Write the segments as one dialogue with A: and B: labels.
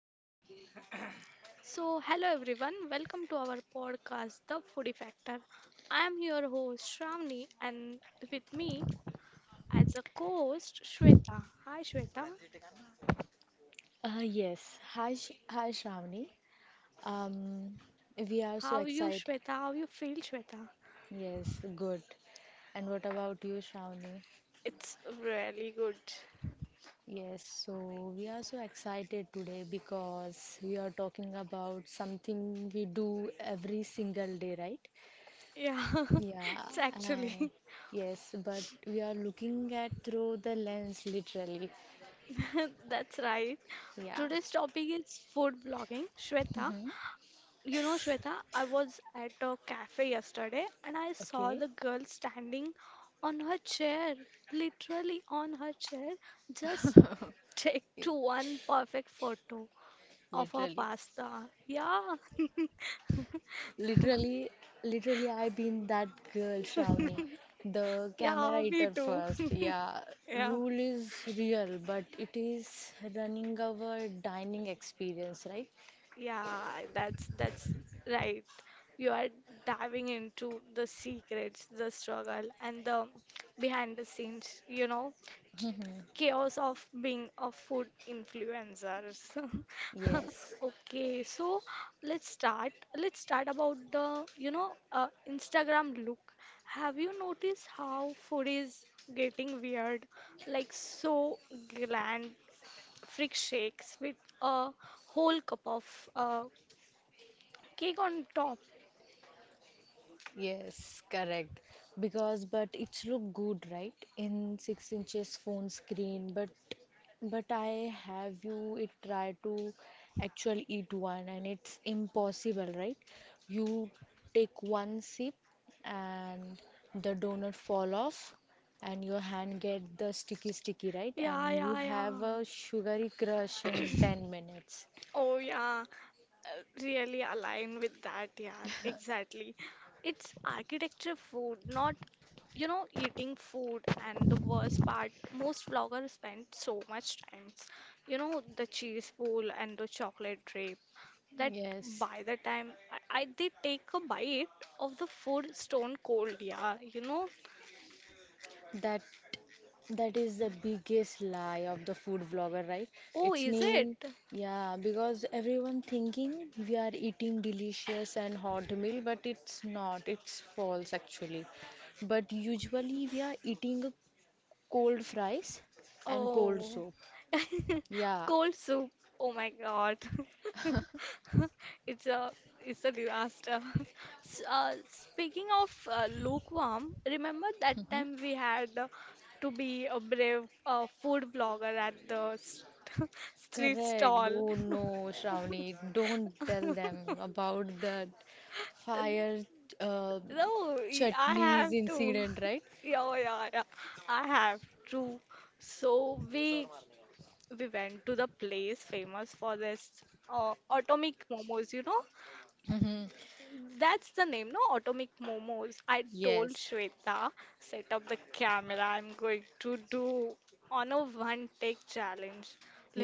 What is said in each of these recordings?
A: Mm.
B: So, hello everyone, welcome to our podcast, The Foodie Factor. I am your host Shramni, and with me as a co-host Shweta. Hi
A: Yes. Hi, Shravani. Um, we are so excited.
B: Shweta? How you feel Shweta?
A: Yes, good. And what about you, Shravani?
B: It's really good.
A: Yes, so we are so excited today because we are talking about something we do every single day, right?
B: Yeah,
A: Yeah,
B: it's actually
A: and yes, but we are looking at through the lens literally.
B: that's right.
A: Yeah.
B: Today's topic is food blogging. Shweta,
A: Mhm.
B: you know, Shweta, I was at a cafe yesterday and I saw
A: Okay.
B: the girl standing on her chair, literally on her chair, just take to one perfect photo of her
A: Literally.
B: pasta. Yeah.
A: Literally, literally, I've been that girl, Shravani. The camera
B: Yeah, me
A: eater
B: too.
A: first. Yeah,
B: Yeah.
A: rule is real, but it is running our dining experience, right?
B: Yeah, that's right. You are diving into the secrets, the struggle, and the behind the scenes, chaos of being a food influencers.
A: Yes.
B: Okay, so let's start let's start about the Instagram look. Have you noticed how food is getting weird, like so gland freak shakes with a whole cup of uh, cake on top.
A: Yes, correct. Because but it's look good, right? In 6 inches phone screen, but I have you it try to actually eat one and it's impossible, right? You take one sip and the donut fall off and your hand get the sticky sticky, right?
B: Yeah,
A: And you
B: yeah, yeah.
A: have a sugary crush in 10 minutes.
B: Oh yeah, really align with that, yeah, exactly. It's architecture food, not, you know, eating food. And the worst part, most vloggers spend so much time, you know, the cheese pool and the chocolate drape, that
A: Yes,
B: by the time I they take a bite of the food stone cold, yeah.
A: that That is the biggest lie of the food vlogger, right?
B: Oh,
A: It's
B: is it?
A: mean, yeah, because everyone thinking we are eating delicious and hot meal, but it's not. It's false actually. But usually we are eating a cold fries and cold
B: Oh,
A: soup. Yeah.
B: cold soup. Oh my God. It's a it's a disaster. Speaking of lukewarm, remember that
A: Mhm.
B: time we had to be a brave food blogger at the st street
A: Correct.
B: stall?
A: Oh no, Shravani, don't tell them about that fire uh,
B: No, I
A: chutneys
B: have to.
A: incident, right?
B: Yeah, oh yeah, yeah. I have to. So we went to the place famous for this atomic momos,
A: Mhm.
B: that's the name. No, atomic momos, I told
A: Yes.
B: Shweta, set up the camera. I'm going to do on a one take challenge,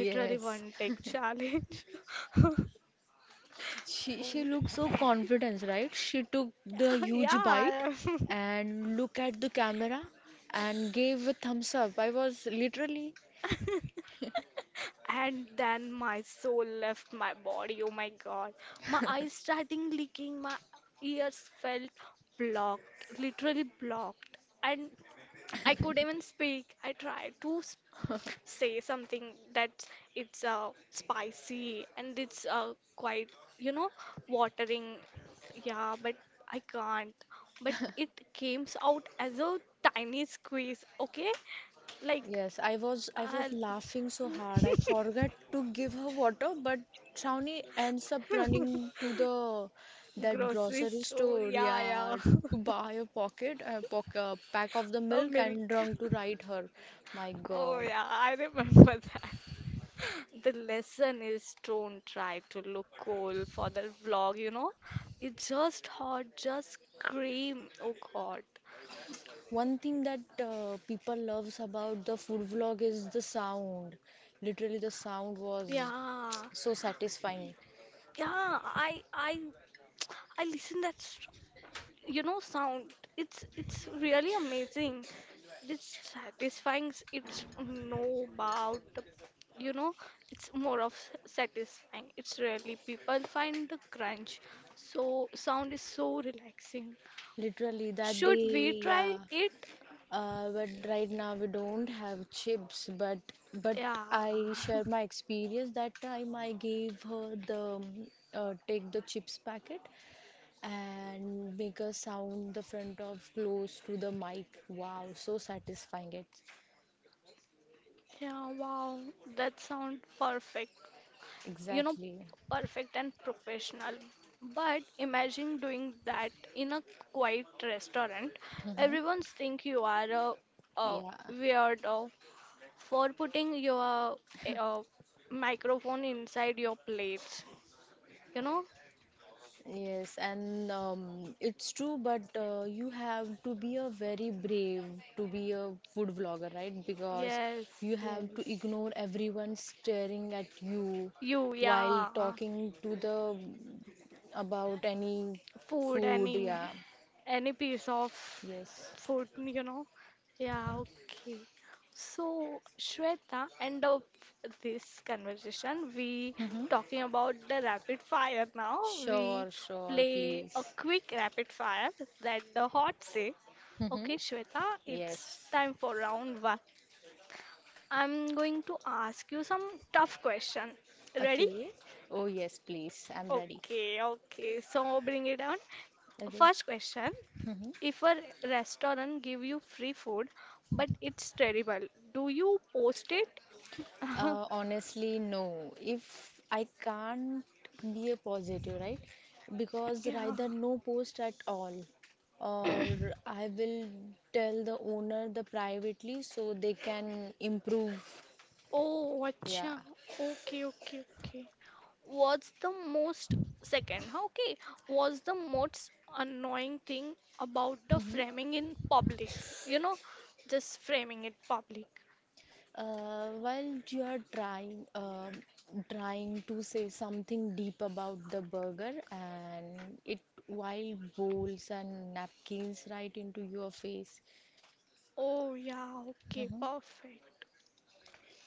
B: literally one take challenge.
A: she looked so confident, right? She took the huge bite
B: Yeah.
A: and look at the camera and gave a thumbs up. I was literally,
B: And then my soul left my body. Oh my God, my eyes starting leaking, my ears felt blocked, literally blocked, and I could even speak. I tried to say something that it's spicy and it's quite, you know, watering. Yeah, but I can't. But it came out as a tiny squeeze, okay? Like,
A: yes, I was I
B: uh,
A: was laughing so hard. I forgot to give her water, but Shawnee ends up running to the that
B: grocery
A: grocery
B: store.
A: store,
B: Yeah, yeah.
A: yeah, to buy a pack of the
B: A
A: milk
B: milk.
A: and drunk to ride her. My
B: Oh,
A: God.
B: yeah, I remember that. The lesson is don't try to look cool for the vlog. It's just hot, just scream. Oh God.
A: One thing that people loves about the food vlog is the sound. Literally, the sound was
B: Yeah.
A: so satisfying.
B: Yeah, I I I listen that sound. It's really amazing. It's satisfying. It's no about the you know it's more of satisfying. It's really people find the crunch. So sound is so relaxing.
A: Literally, that
B: Should we
A: day,
B: try
A: yeah.
B: it?
A: But right now we don't have chips. But
B: Yeah.
A: I share my experience. That time I gave her the take the chips packet and make a sound the front of close to the mic. Wow, so satisfying it.
B: Yeah, wow, that sounds perfect. You know,
A: Exactly.
B: perfect and professional. But imagine doing that in a quiet restaurant.
A: Hmm.
B: Everyone's think you are a
A: Yeah.
B: weirdo for putting your microphone inside your plates. You know?
A: Yes, and it's true, but you have to be a very brave to be a food vlogger, right? Because
B: Yes,
A: you have to
B: yes.
A: ignore everyone staring at you
B: You,
A: while
B: yeah.
A: talking to the about any
B: Food,
A: food.
B: any
A: Yeah.
B: any piece of
A: Yes.
B: food. Yeah, okay. So, Shweta, end of this conversation, we
A: Mm-hmm.
B: talking about the rapid fire now. We
A: Sure, sure,
B: play a
A: please.
B: quick rapid fire that the hot say.
A: Mm-hmm.
B: Okay, Shweta, it's
A: Yes.
B: time for round one. I'm going to ask you some tough question. Ready?
A: Okay. Oh, yes, please. I'm ready.
B: Okay, okay. So bring it on.
A: Okay.
B: First question. If a restaurant give you free food, but it's terrible, do you post it?
A: Honestly, no. If I can't be a positive, right? Because
B: Yeah.
A: rather no post at all, or I will tell the owner the privately so they can improve.
B: Oh,
A: Yeah.
B: acha. Okay, okay, okay. What's the most second? Okay, what's the most annoying thing about the framing in public? You know, just framing it public.
A: While you are trying, to say something deep about the burger, and it while bowls and napkins right into your face.
B: Oh, yeah, okay,
A: Mm-hmm.
B: perfect.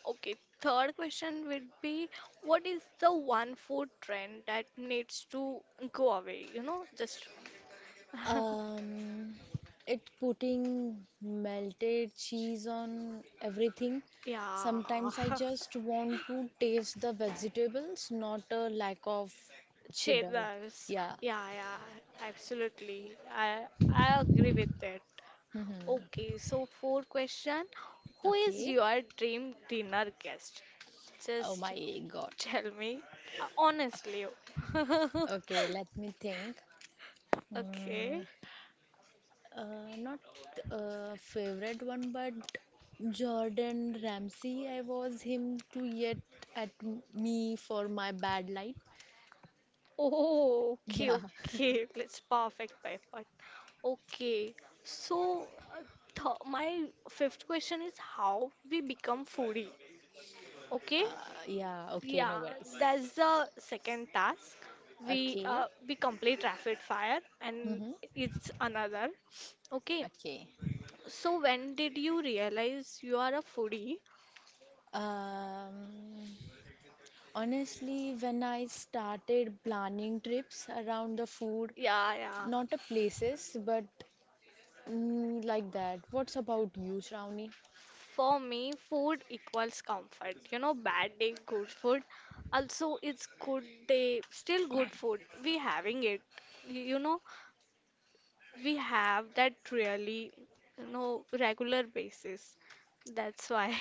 B: Okay, third question would be, what is the one food trend that needs to go away? You know, just
A: Um, it putting melted cheese on everything.
B: yeah,
A: Sometimes I just want to taste the vegetables, not a lack of cheddar.
B: cheddars.
A: Yeah.
B: Yeah, yeah, absolutely. I agree with that.
A: Mhm.
B: Okay, so fourth question, who is
A: Okay.
B: your dream dinner guest?
A: Oh
B: Just
A: my God.
B: tell me honestly.
A: Okay, let me think.
B: Okay.
A: Mm, Not a favorite one, but Jordan Ramsay. I was him to yet at me for my bad light.
B: Oh, okay,
A: Yeah,
B: okay. That's perfect, perfect. Okay. So, uh, th my fifth question is, how we become foodie. Okay?
A: Uh, yeah, okay, no
B: Yeah,
A: worries.
B: that's the second task. We
A: Okay.
B: we complete rapid fire and
A: Mm-hmm.
B: it's another. Okay.
A: Okay.
B: So, when did you realize you are a foodie?
A: Um, Honestly, when I started planning trips around the food,
B: Yeah, yeah.
A: not the places, but like that. What's about you, Shravani?
B: For me, food equals comfort. You know, bad day, good food. Also, it's good day, still good food. We having it. You know, we have that really, you know, regular basis. That's why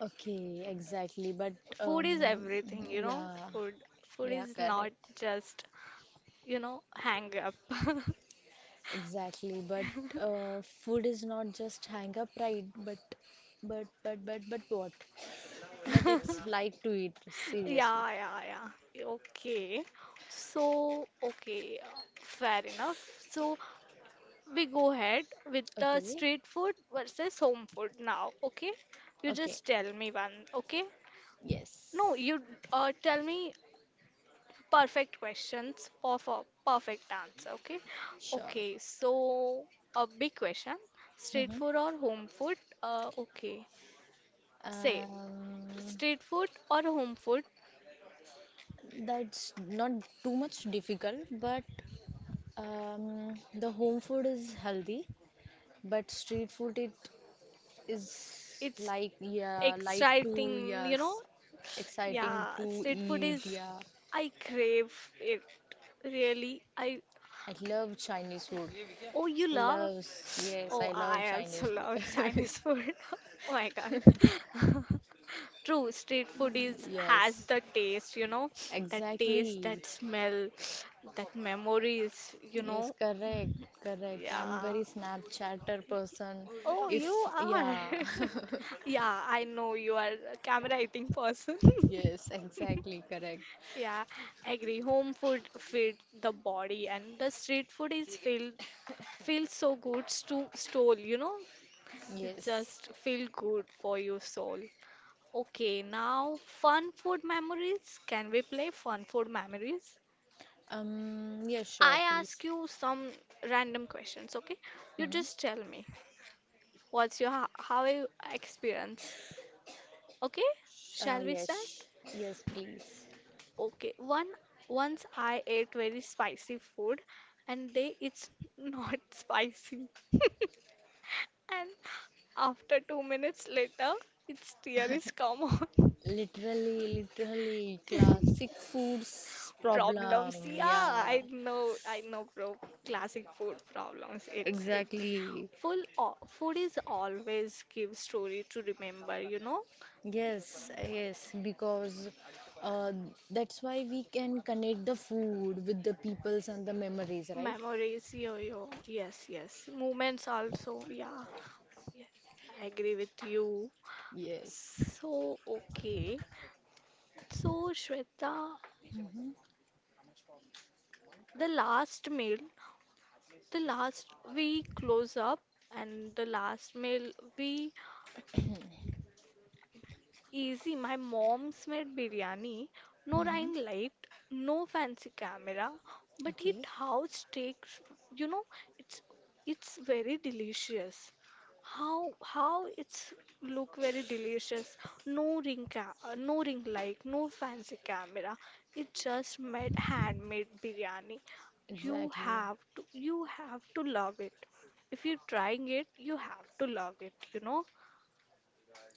A: Okay, exactly. But
B: food
A: um,
B: is everything, you know.
A: yeah,
B: Food, food
A: yeah,
B: is not
A: correct.
B: just, you know, hang up.
A: Exactly. But food is not just hang up, right? But what? But it's like to eat seriously.
B: Yeah, yeah, yeah. Okay. So, okay, fair enough. So, we go ahead with the
A: Okay,
B: street food versus home food now, okay? You
A: okay,
B: just tell me one, okay? No,
A: yes,
B: you tell me perfect questions for perfect answer, okay?
A: sure.
B: Okay, so a big question, street
A: hmm
B: food or home food? Okay, say
A: Um,
B: street food or home food?
A: that's not too much difficult, but the home food is healthy, but street food it is
B: It's
A: like yeah, like to
B: exciting, you know?
A: yes, exciting
B: Yeah,
A: to
B: street food
A: eat.
B: is
A: Yeah,
B: I crave it. Really, I.
A: I love Chinese food.
B: Oh, you love?
A: Loves yes,
B: Oh,
A: I love
B: I
A: Chinese
B: also love
A: food.
B: Chinese food. Oh my God. True, street food is has
A: Yes,
B: the taste, you know, that taste,
A: exactly.
B: that smell, that memories, you
A: Yes,
B: know.
A: correct, correct. I'm
B: Yeah.
A: very Snapchatter person.
B: Oh, you
A: If,
B: are.
A: yeah.
B: Yeah, I know you are a camera eating person.
A: Yes, exactly, correct.
B: Yeah, I agree. Home food feed the body, and the street food is filled. Feels so good to stole, you know? It
A: Yes.
B: just feel good for your soul. Okay, now fun food memories. Can we play fun food memories?
A: Yes,
B: I
A: sure, please.
B: ask you some random questions, okay? You
A: hmm
B: just tell me what's your how you experience. Okay? Shall we start?
A: Yes, yes, please.
B: Okay, one once I ate very spicy food and they it's not spicy. And after 2 minutes later, its tear is come on.
A: Literally, literally, classic foods
B: Problems.
A: problem.
B: Yeah,
A: Yeah,
B: I know, bro. Classic food problems. It's
A: exactly.
B: full food is always give story to remember, you know?
A: Yes, yes, because uh, that's why we can connect the food with the peoples and the memories, right?
B: Memories, yo yo. Yes, yes. Moments also. Yeah. Yes. I agree with you.
A: Yes.
B: So, okay. So, Shweta,
A: Mm-hmm.
B: the last meal, the last we close up and the last meal we. Easy, my mom's made biryani. No
A: Mm-hmm.
B: ring light, no fancy camera, but it
A: Okay,
B: house takes, you know, it's it's very delicious. How it's look very delicious. No ring ca no ring light, no fancy camera. It just made handmade biryani. You
A: exactly.
B: have to you have to love it. If you're trying it, you have to love it, you know.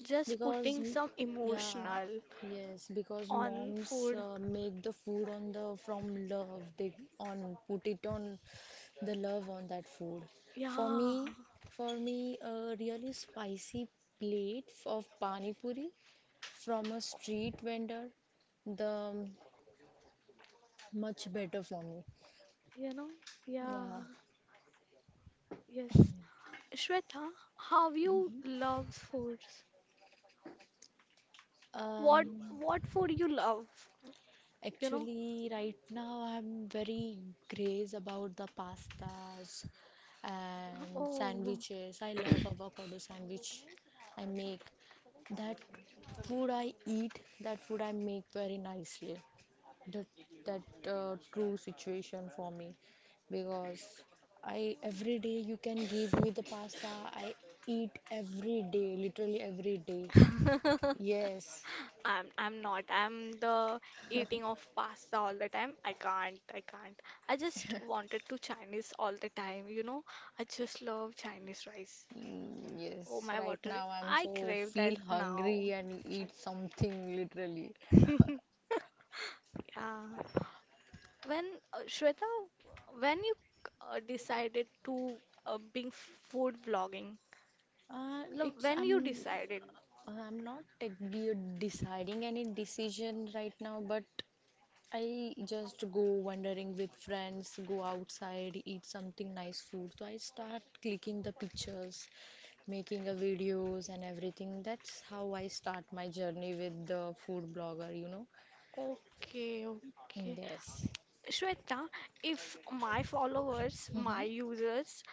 B: Just
A: Because,
B: putting
A: m-
B: some
A: yeah,
B: emotional
A: yes, because
B: on
A: moms
B: food.
A: make the food on the from love. They on put it on the love on that food. For
B: Yeah,
A: me, for me, a really spicy plate of pani puri from a street vendor, the much better for me.
B: you know, yeah,
A: Yeah.
B: yes. Shweta, how you love foods? What
A: Um,
B: what food you love? You know?
A: Actually, right now I'm very craze about the pastas and
B: Oh.
A: sandwiches. I love avocado sandwich. I make that food I eat, that food I make very nicely. That that true situation for me because I every day you can give me the pasta. I eat every day, literally every day. Yes.
B: I'm not. I'm the eating of pasta all the time. I can't. I can't. I just wanted to Chinese all the time, you know? I just love Chinese rice.
A: Mm,
B: Oh
A: Yes,
B: my
A: right
B: water.
A: now I'm
B: I
A: so
B: crave that
A: feel hungry
B: now.
A: and eat something literally.
B: Yeah. When Shweta, when you decided to being food vlogging,
A: It's
B: when you decided,
A: I'm not like be deciding any decision right now, but I just go wandering with friends, go outside, eat something nice food. So I start clicking the pictures, making a videos and everything. That's how I start my journey with the food blogger.
B: okay, okay.
A: Yes.
B: Shweta, if my followers, my
A: Mm-hmm.
B: users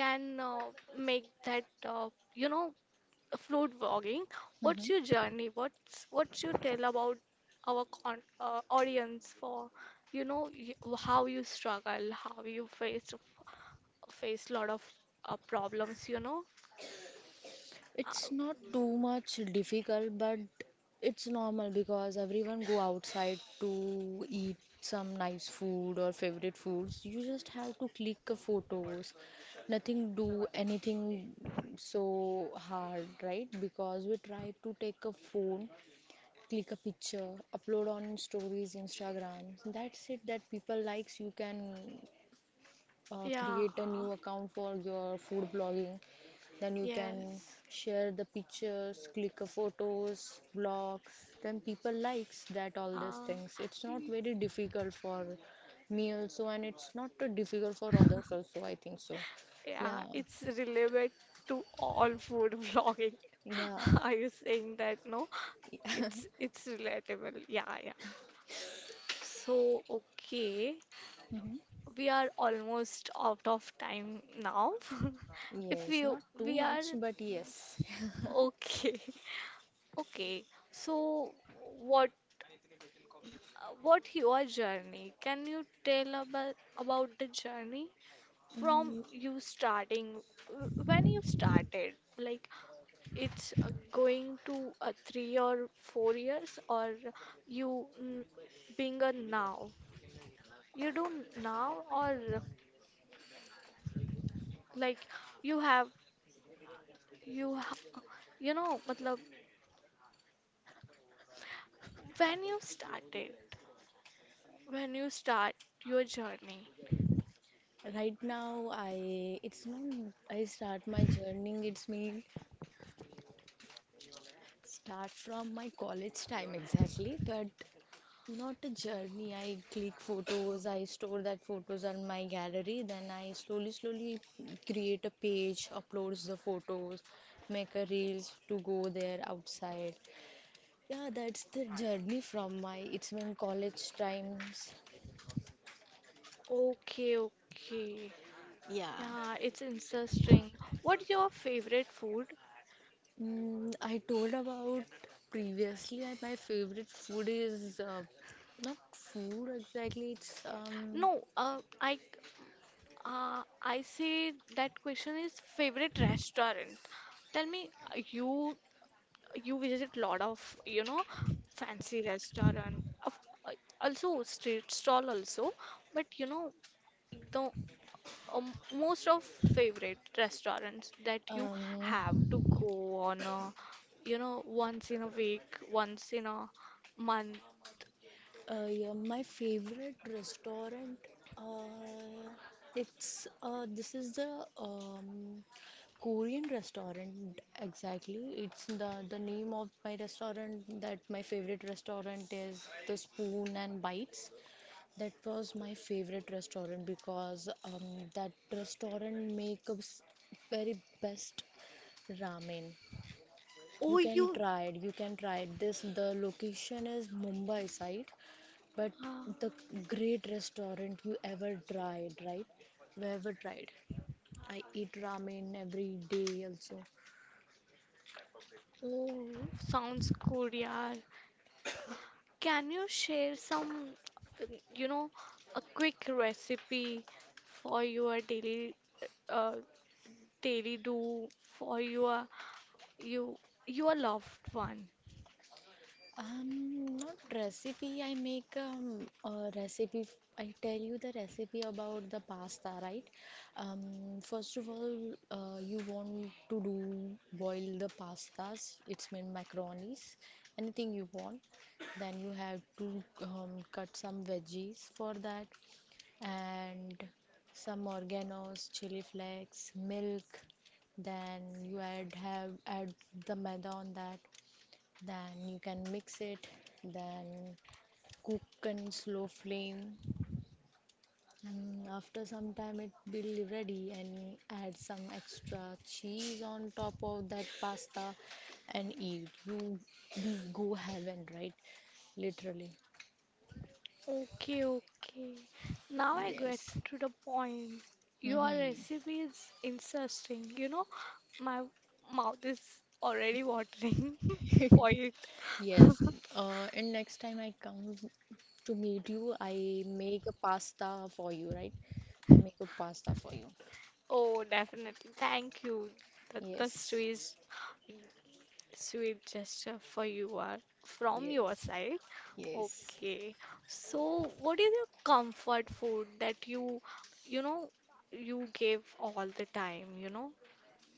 B: can make that, you know, food vlogging, what's your
A: Mm-hmm.
B: journey? What's what you tell about our con audience for, you know, y how you struggle, how you faced face a lot of problems, you know. Uh,
A: It's not too much difficult, but it's normal because everyone go outside to eat some nice food or favorite foods. You just have to click a photos. Nothing do anything so hard, right? Because we try to take a phone, click a picture, upload on stories, Instagram. That's it that people likes. You can
B: yeah,
A: create a new account for your food blogging. Then you can
B: yes.
A: share the pictures, click a photos blogs. Then people likes that. All these
B: Uh,
A: things, it's not
B: y-
A: very difficult for me also, and it's not too difficult for others also, I think so.
B: yeah,
A: Yeah,
B: it's related to all food vlogging.
A: yeah.
B: Are you saying that? No, it's it's relatable. Yeah, yeah. So, okay,
A: Mhm.
B: we are almost out of time now. If
A: Yes,
B: you
A: not too
B: we
A: much,
B: are
A: but yes.
B: okay, okay. So, what what your journey? Can you tell about the journey from
A: Mm,
B: you starting? When you started, like it's going to 3 or 4 years, or you being a now? You do now, or like you have you ha you know, matlab, when you started, when you start your journey.
A: Right now, I it's not I start my journey. It's me. Start from my college time exactly, but not a journey. I click photos, I store that photos on my gallery, then I slowly, slowly create a page, uploads the photos, make a reels to go there outside. Yeah, that's the journey from my it's when college times.
B: Okay, okay.
A: Yeah.
B: Yeah, it's interesting. What's your favorite food?
A: I told about previously my favorite food is not food exactly. it's
B: No, I say that question is favorite restaurant. Tell me, uh, you you visit lot of, you know, fancy restaurant, of, uh, also street stall also, but you know the most of favorite restaurants that you have
A: um
B: to go on a, you know, once in a week, once in a month.
A: Yeah, my favorite restaurant. Uh, it's This is the Korean restaurant exactly. It's the name of my restaurant that my favorite restaurant is the Spoon and Bites. That was my favorite restaurant because that restaurant makes very best ramen.
B: Oh,
A: You can
B: you.
A: try it. You can try it. This the location is Mumbai side but
B: Ah.
A: the great restaurant you ever tried, right? You ever tried? I eat ramen every day also.
B: Oh, sounds good, yaar. Can you share some, uh, you know, a quick recipe for your uh, daily do for you your loved one?
A: Not recipe. I make a recipe. I tell you the recipe about the pasta, right? First of all, you want to do boil the pastas. It's mean macaronis, anything you want. Then you have to cut some veggies for that. And some organos, chili flakes, milk. Then you add the maida on that. Then you can mix it. Then cook in slow flame. And after some time, it will ready. And add some extra cheese on top of that pasta and eat. You go heaven, right? Literally.
B: Okay, okay. Now I get
A: Yes.
B: to the point. Your recipe is interesting. You know, my mouth is already watering for it.
A: Yes. And next time I come to meet you. I make a pasta for you, right? I make a pasta for you.
B: Oh, definitely. Thank you. That the
A: Yes,
B: sweet, sweet gesture for you are from your
A: yes,
B: side.
A: yes.
B: Okay. So, what is your comfort food that you know, you give all the time? You know,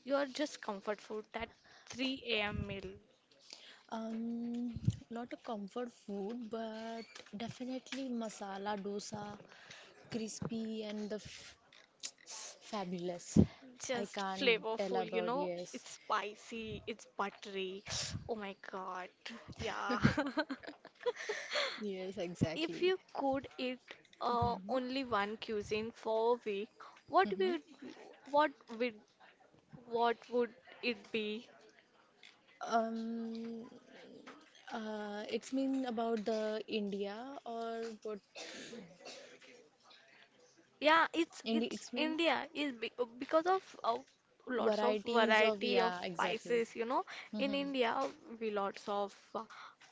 B: your just comfort food, that 3 a.m. meal,
A: Um, Not a comfort food, but definitely masala dosa, crispy and the f fabulous. I
B: just
A: can't tell
B: flavorful. You
A: about
B: know,
A: yes.
B: it's spicy, it's buttery. Oh my God. Yeah.
A: Yes,
B: If
A: exactly.
B: you could eat only one cuisine for a week, what
A: Hmm.
B: would what would what would it be?
A: Um, it's mean about the India or what?
B: Yeah, it's
A: India,
B: it's
A: it's mean
B: India is be because of lots of
A: varieties of,
B: variety of
A: yeah, exactly.
B: spices, you know. In
A: Hmm.
B: India, we lots of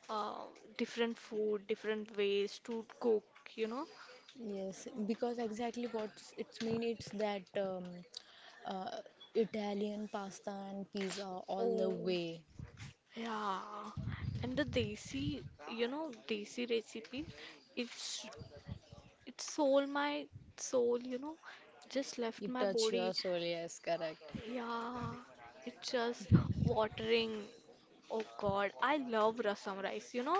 B: uh, different food, different ways to cook, you know.
A: Yes, because exactly what it's mean it's that uh, Italian pasta and pizza all the
B: Oh,
A: way.
B: yeah, and the desi, you know, desi recipe, it's it sold my soul, you know, just left
A: You
B: my
A: touch
B: body.
A: your soul, yes, correct.
B: Yeah, it's just watering. Oh God, I love rasam rice. You know,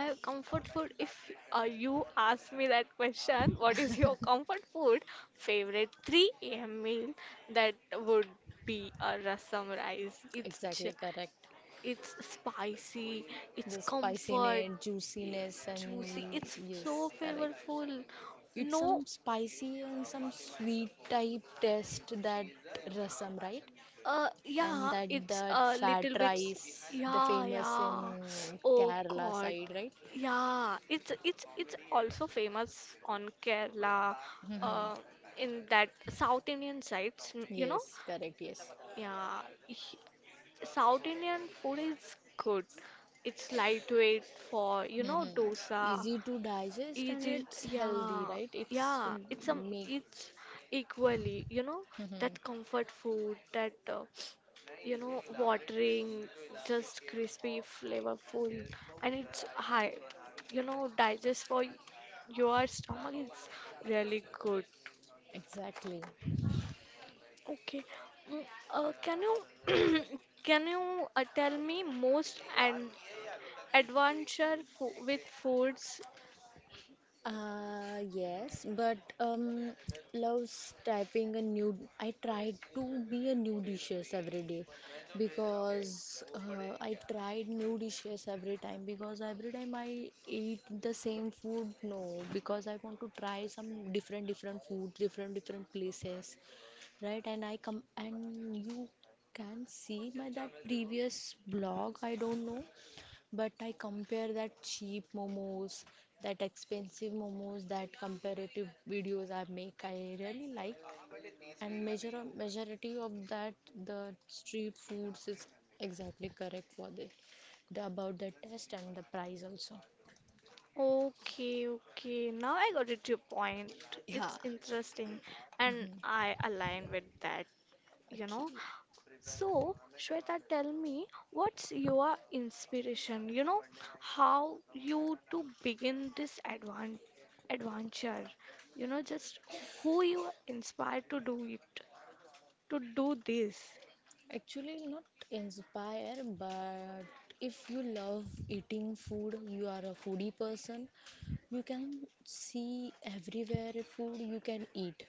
B: my comfort food. If you ask me that question, what is your comfort food? Favorite 3 a.m. meal that would be a rasam rice.
A: Exactly correct.
B: It's spicy. It's
A: The
B: comfort.
A: spiciness,
B: y-
A: juiciness,
B: Juicy.
A: and
B: It's so
A: yes, correct.
B: flavorful.
A: It's
B: No.
A: some spicy and some sweet type taste that rasam, right? And
B: Yeah,
A: that
B: it's
A: that
B: a
A: fat
B: little bit.
A: rice, the
B: Yeah,
A: famous
B: yeah.
A: in
B: Oh
A: Kerala
B: God.
A: side, right?
B: Yeah, it's also famous on Kerala,
A: Mm.
B: uh, in that South Indian sides, you know.
A: Yes, correct, yes.
B: Yeah, he- South Indian food is good. It's lightweight for, you know, dosa,
A: Easy to digest
B: it
A: and
B: is,
A: it's healthy,
B: yeah,
A: right? It's
B: yeah.
A: make.
B: It's equally, you know,
A: Mhm.
B: that comfort food, that you know, watering, just crispy, flavorful, and it's high, you know, digest for your stomach. It's really good.
A: Exactly.
B: Okay. Mm, can you can you tell me most and adventure fo with foods.
A: Yes, but loves typing a new. I try to be a new dishes every day because I tried new dishes every time because every time I eat the same food, no, because I want to try some different different food, different different places, right? And I come and you can see my that previous blog. I don't know. But I compare that cheap momos, that expensive momos, that comparative videos I make, I really like. And major majority of that, the street foods is exactly correct for the about the taste and the price also.
B: Okay, okay. Now I got it your point.
A: Yeah.
B: It's interesting and
A: Mhm.
B: I align with that, you know.
A: Okay.
B: So, Shweta, tell me, what's your inspiration? You know, how you to begin this advan adventure? You know, just who you are inspired to do it, to do this.
A: Actually, not inspire, but if you love eating food, you are a foodie person. You can see everywhere food you can eat.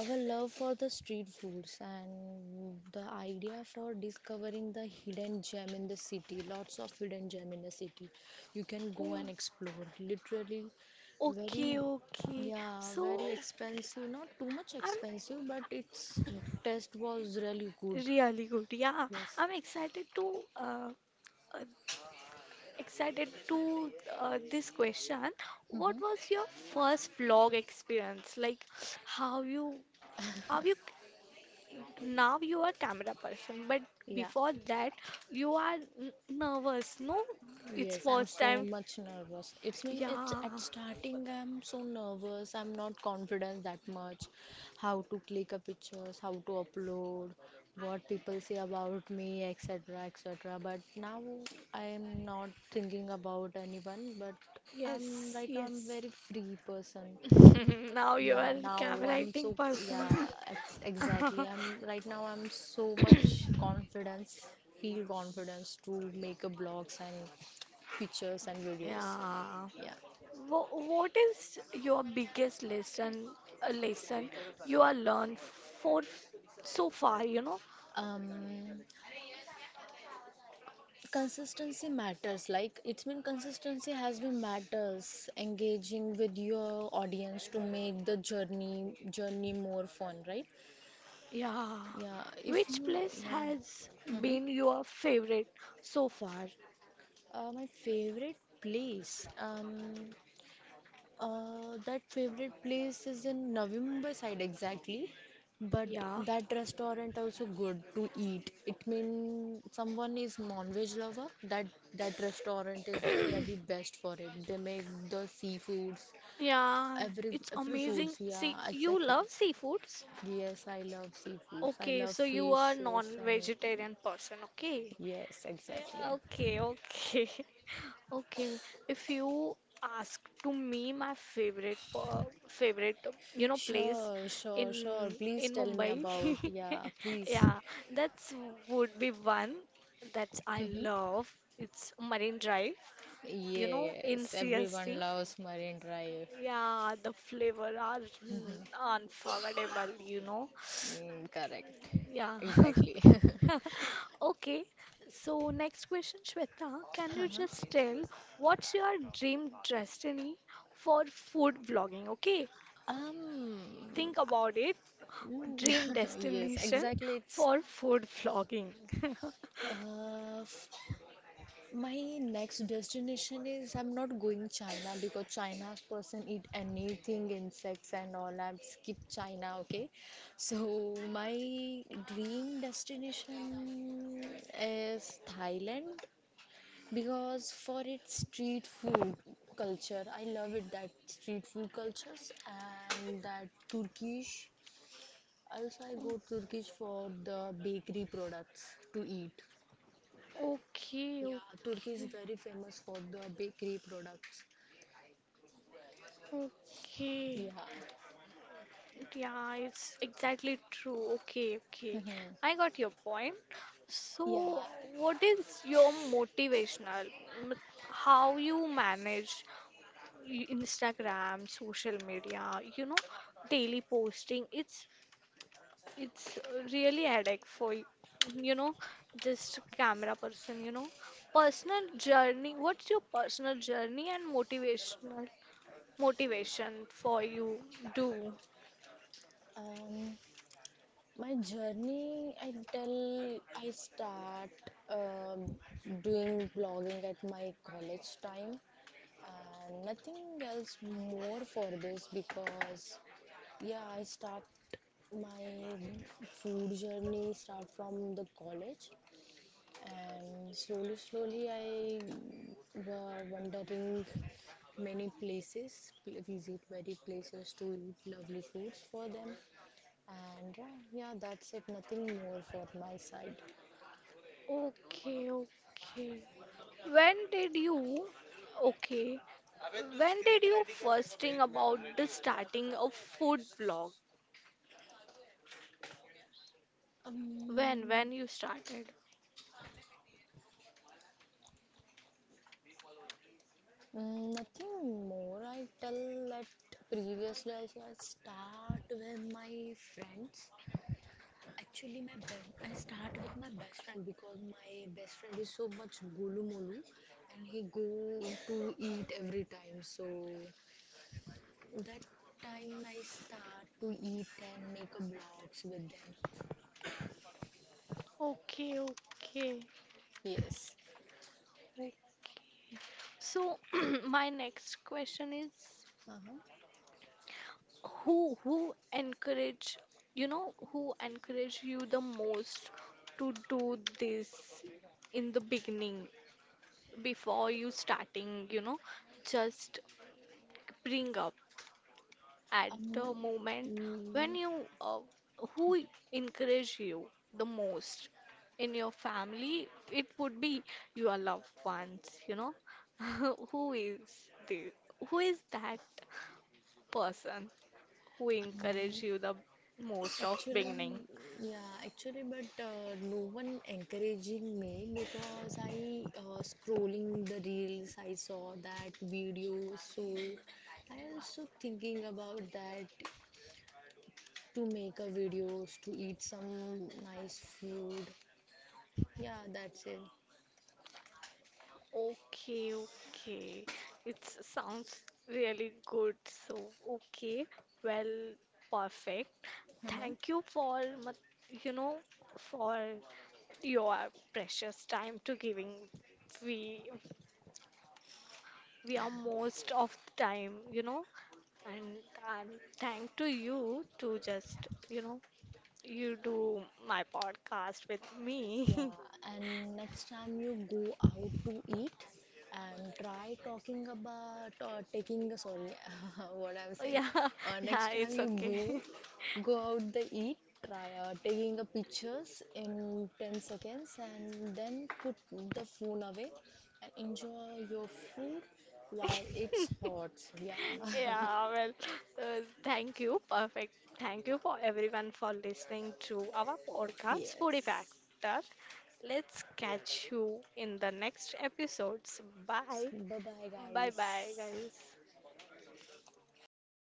A: Our love for the street foods and the idea for discovering the hidden gem in the city, lots of hidden gem in the city. You can go
B: Oh,
A: and explore. Literally,
B: okay,
A: very,
B: okay.
A: yeah,
B: So
A: very expensive. Not too much
B: I'm
A: expensive, but its taste was really good.
B: really good. Yeah,
A: Yes.
B: I'm excited to uh, excited to this question. What
A: Hmm,
B: was your first vlog experience? Like how you are you now you are camera person, but
A: yeah.
B: before that you are nervous, no? It's
A: Yes, I'm
B: first
A: so
B: time.
A: much nervous. It's mean it's at
B: Yeah.
A: starting I'm so nervous. I'm not confident that much. How to click a pictures, how to upload, what people say about me, etc. etc. But now I am not thinking about anyone, but I'm
B: Yes,
A: right now I'm
B: yes.
A: very free person.
B: Now you
A: Yeah,
B: are
A: now
B: camera
A: I'm
B: acting
A: so yeah,
B: person.
A: ex exactly. I'm right now I'm so much confidence, feel confidence to make a blogs and pictures and videos.
B: Yeah.
A: Yeah.
B: What is your biggest lesson, a lesson you have learned for so far, you know?
A: Um, Consistency matters. Like it's been consistency has been matters. Engaging with your audience to make the journey more fun, right?
B: Yeah.
A: Yeah. If
B: Which
A: you
B: place
A: yeah.
B: has
A: hmm
B: been your favorite so far?
A: My favorite place. Um, that favorite place is in November side exactly, but
B: Yeah.
A: that restaurant also good to eat. It mean someone is non-veg lover, that restaurant is really best for it. They make the seafoods,
B: Yeah,
A: every
B: it's
A: every
B: amazing.
A: foods.
B: See,
A: Yeah,
B: you
A: exactly.
B: love seafoods?
A: Yes, I love seafoods. I
B: Okay,
A: love
B: so you are
A: fishes and
B: non-vegetarian person, okay?
A: yes,
B: Yeah,
A: exactly.
B: okay, okay, okay. If you ask to me my favorite favorite you know place
A: Sure,
B: in
A: sure, sure. Please
B: in
A: tell me
B: Mumbai,
A: about. Yeah, please.
B: yeah, that's would be one that I
A: Mm-hmm.
B: love. It's Marine Drive. You know, in
A: Yes, everyone
B: CST.
A: loves Marine Drive.
B: Yeah, the flavor are unforgettable. You know,
A: Mm, correct.
B: yeah.
A: Exactly.
B: Okay. So next question, Shweta, can you
A: Huh.
B: just tell what's your dream destiny for food vlogging? Okay.
A: Um,
B: Think about it.
A: mm,
B: Dream
A: yes,
B: destination
A: exactly.
B: for food vlogging.
A: Uh, f- my next destination is I'm not going China because China's person eat anything, insects and all. I'm skip China, okay? So my dream destination is Thailand because for its street food culture. I love it, that street food cultures. And that Turkish, also I go Turkish for the bakery products to eat.
B: Okay,
A: Yeah, Turkey is
B: okay,
A: very famous for the bakery products.
B: okay.
A: Yeah.
B: Yeah, it's exactly true. Okay, okay.
A: Mhm.
B: I got your point. So,
A: Yeah,
B: what is your motivational? mm, How you manage Instagram, social media, you know, daily posting. It's really headache for you know, just camera person, you know. Personal journey. What's your personal journey and motivation for you do?
A: um my journey I tell I start um, doing blogging at my college time, and nothing else more for this because yeah I start my food journey start from the college, and slowly slowly I were wandering many places visit many places to eat lovely foods for them, and yeah, yeah, that's it, nothing more for my side.
B: Okay, okay. When did you, okay, when did you first think about the starting a food vlog?
A: um,
B: When you started?
A: Nothing more I tell that previously also I start with my friends. Actually, I start with my best friend because my best friend is so much gulu molu and he go to eat every time. So that time I start to eat and make a blogs with them.
B: Okay, okay,
A: Yes.
B: okay. So my next question is,
A: Uh-huh.
B: who encourage, you know, who encourage you the most to do this in the beginning before you starting, you know, just bring up at the
A: Um,
B: moment when
A: mm,
B: you uh, who encourage you the most in your family, it would be your loved ones, you know. Who is the who is that person who encourage
A: um,
B: you the most of beginning?
A: Actually, yeah, actually, but no one encouraging me because I scrolling the reels, I saw that video, so I also thinking about that to make a videos to eat some nice food. Yeah, that's it.
B: Okay, okay, it sounds really good. So okay, well, perfect,
A: Uh huh.
B: thank you for you know, for your precious time to giving. We we are most of the time, you know, and I'm thank to you to just you know you do my podcast with me.
A: Yeah, and next time you go out to eat and try talking about or taking sorry what I'm saying.
B: Yeah, yeah,
A: Next time
B: it's
A: you
B: okay.
A: go out the eat, try taking the pictures in 10 seconds and then put the phone away and enjoy your food while it's hot. Yeah.
B: Yeah, well, thank you. Perfect. Thank you for everyone for listening to our podcast, Foodie
A: Yes.
B: Factor. Let's catch you in the next episodes. Bye.
A: Bye bye
B: Bye
A: guys.
B: bye, guys.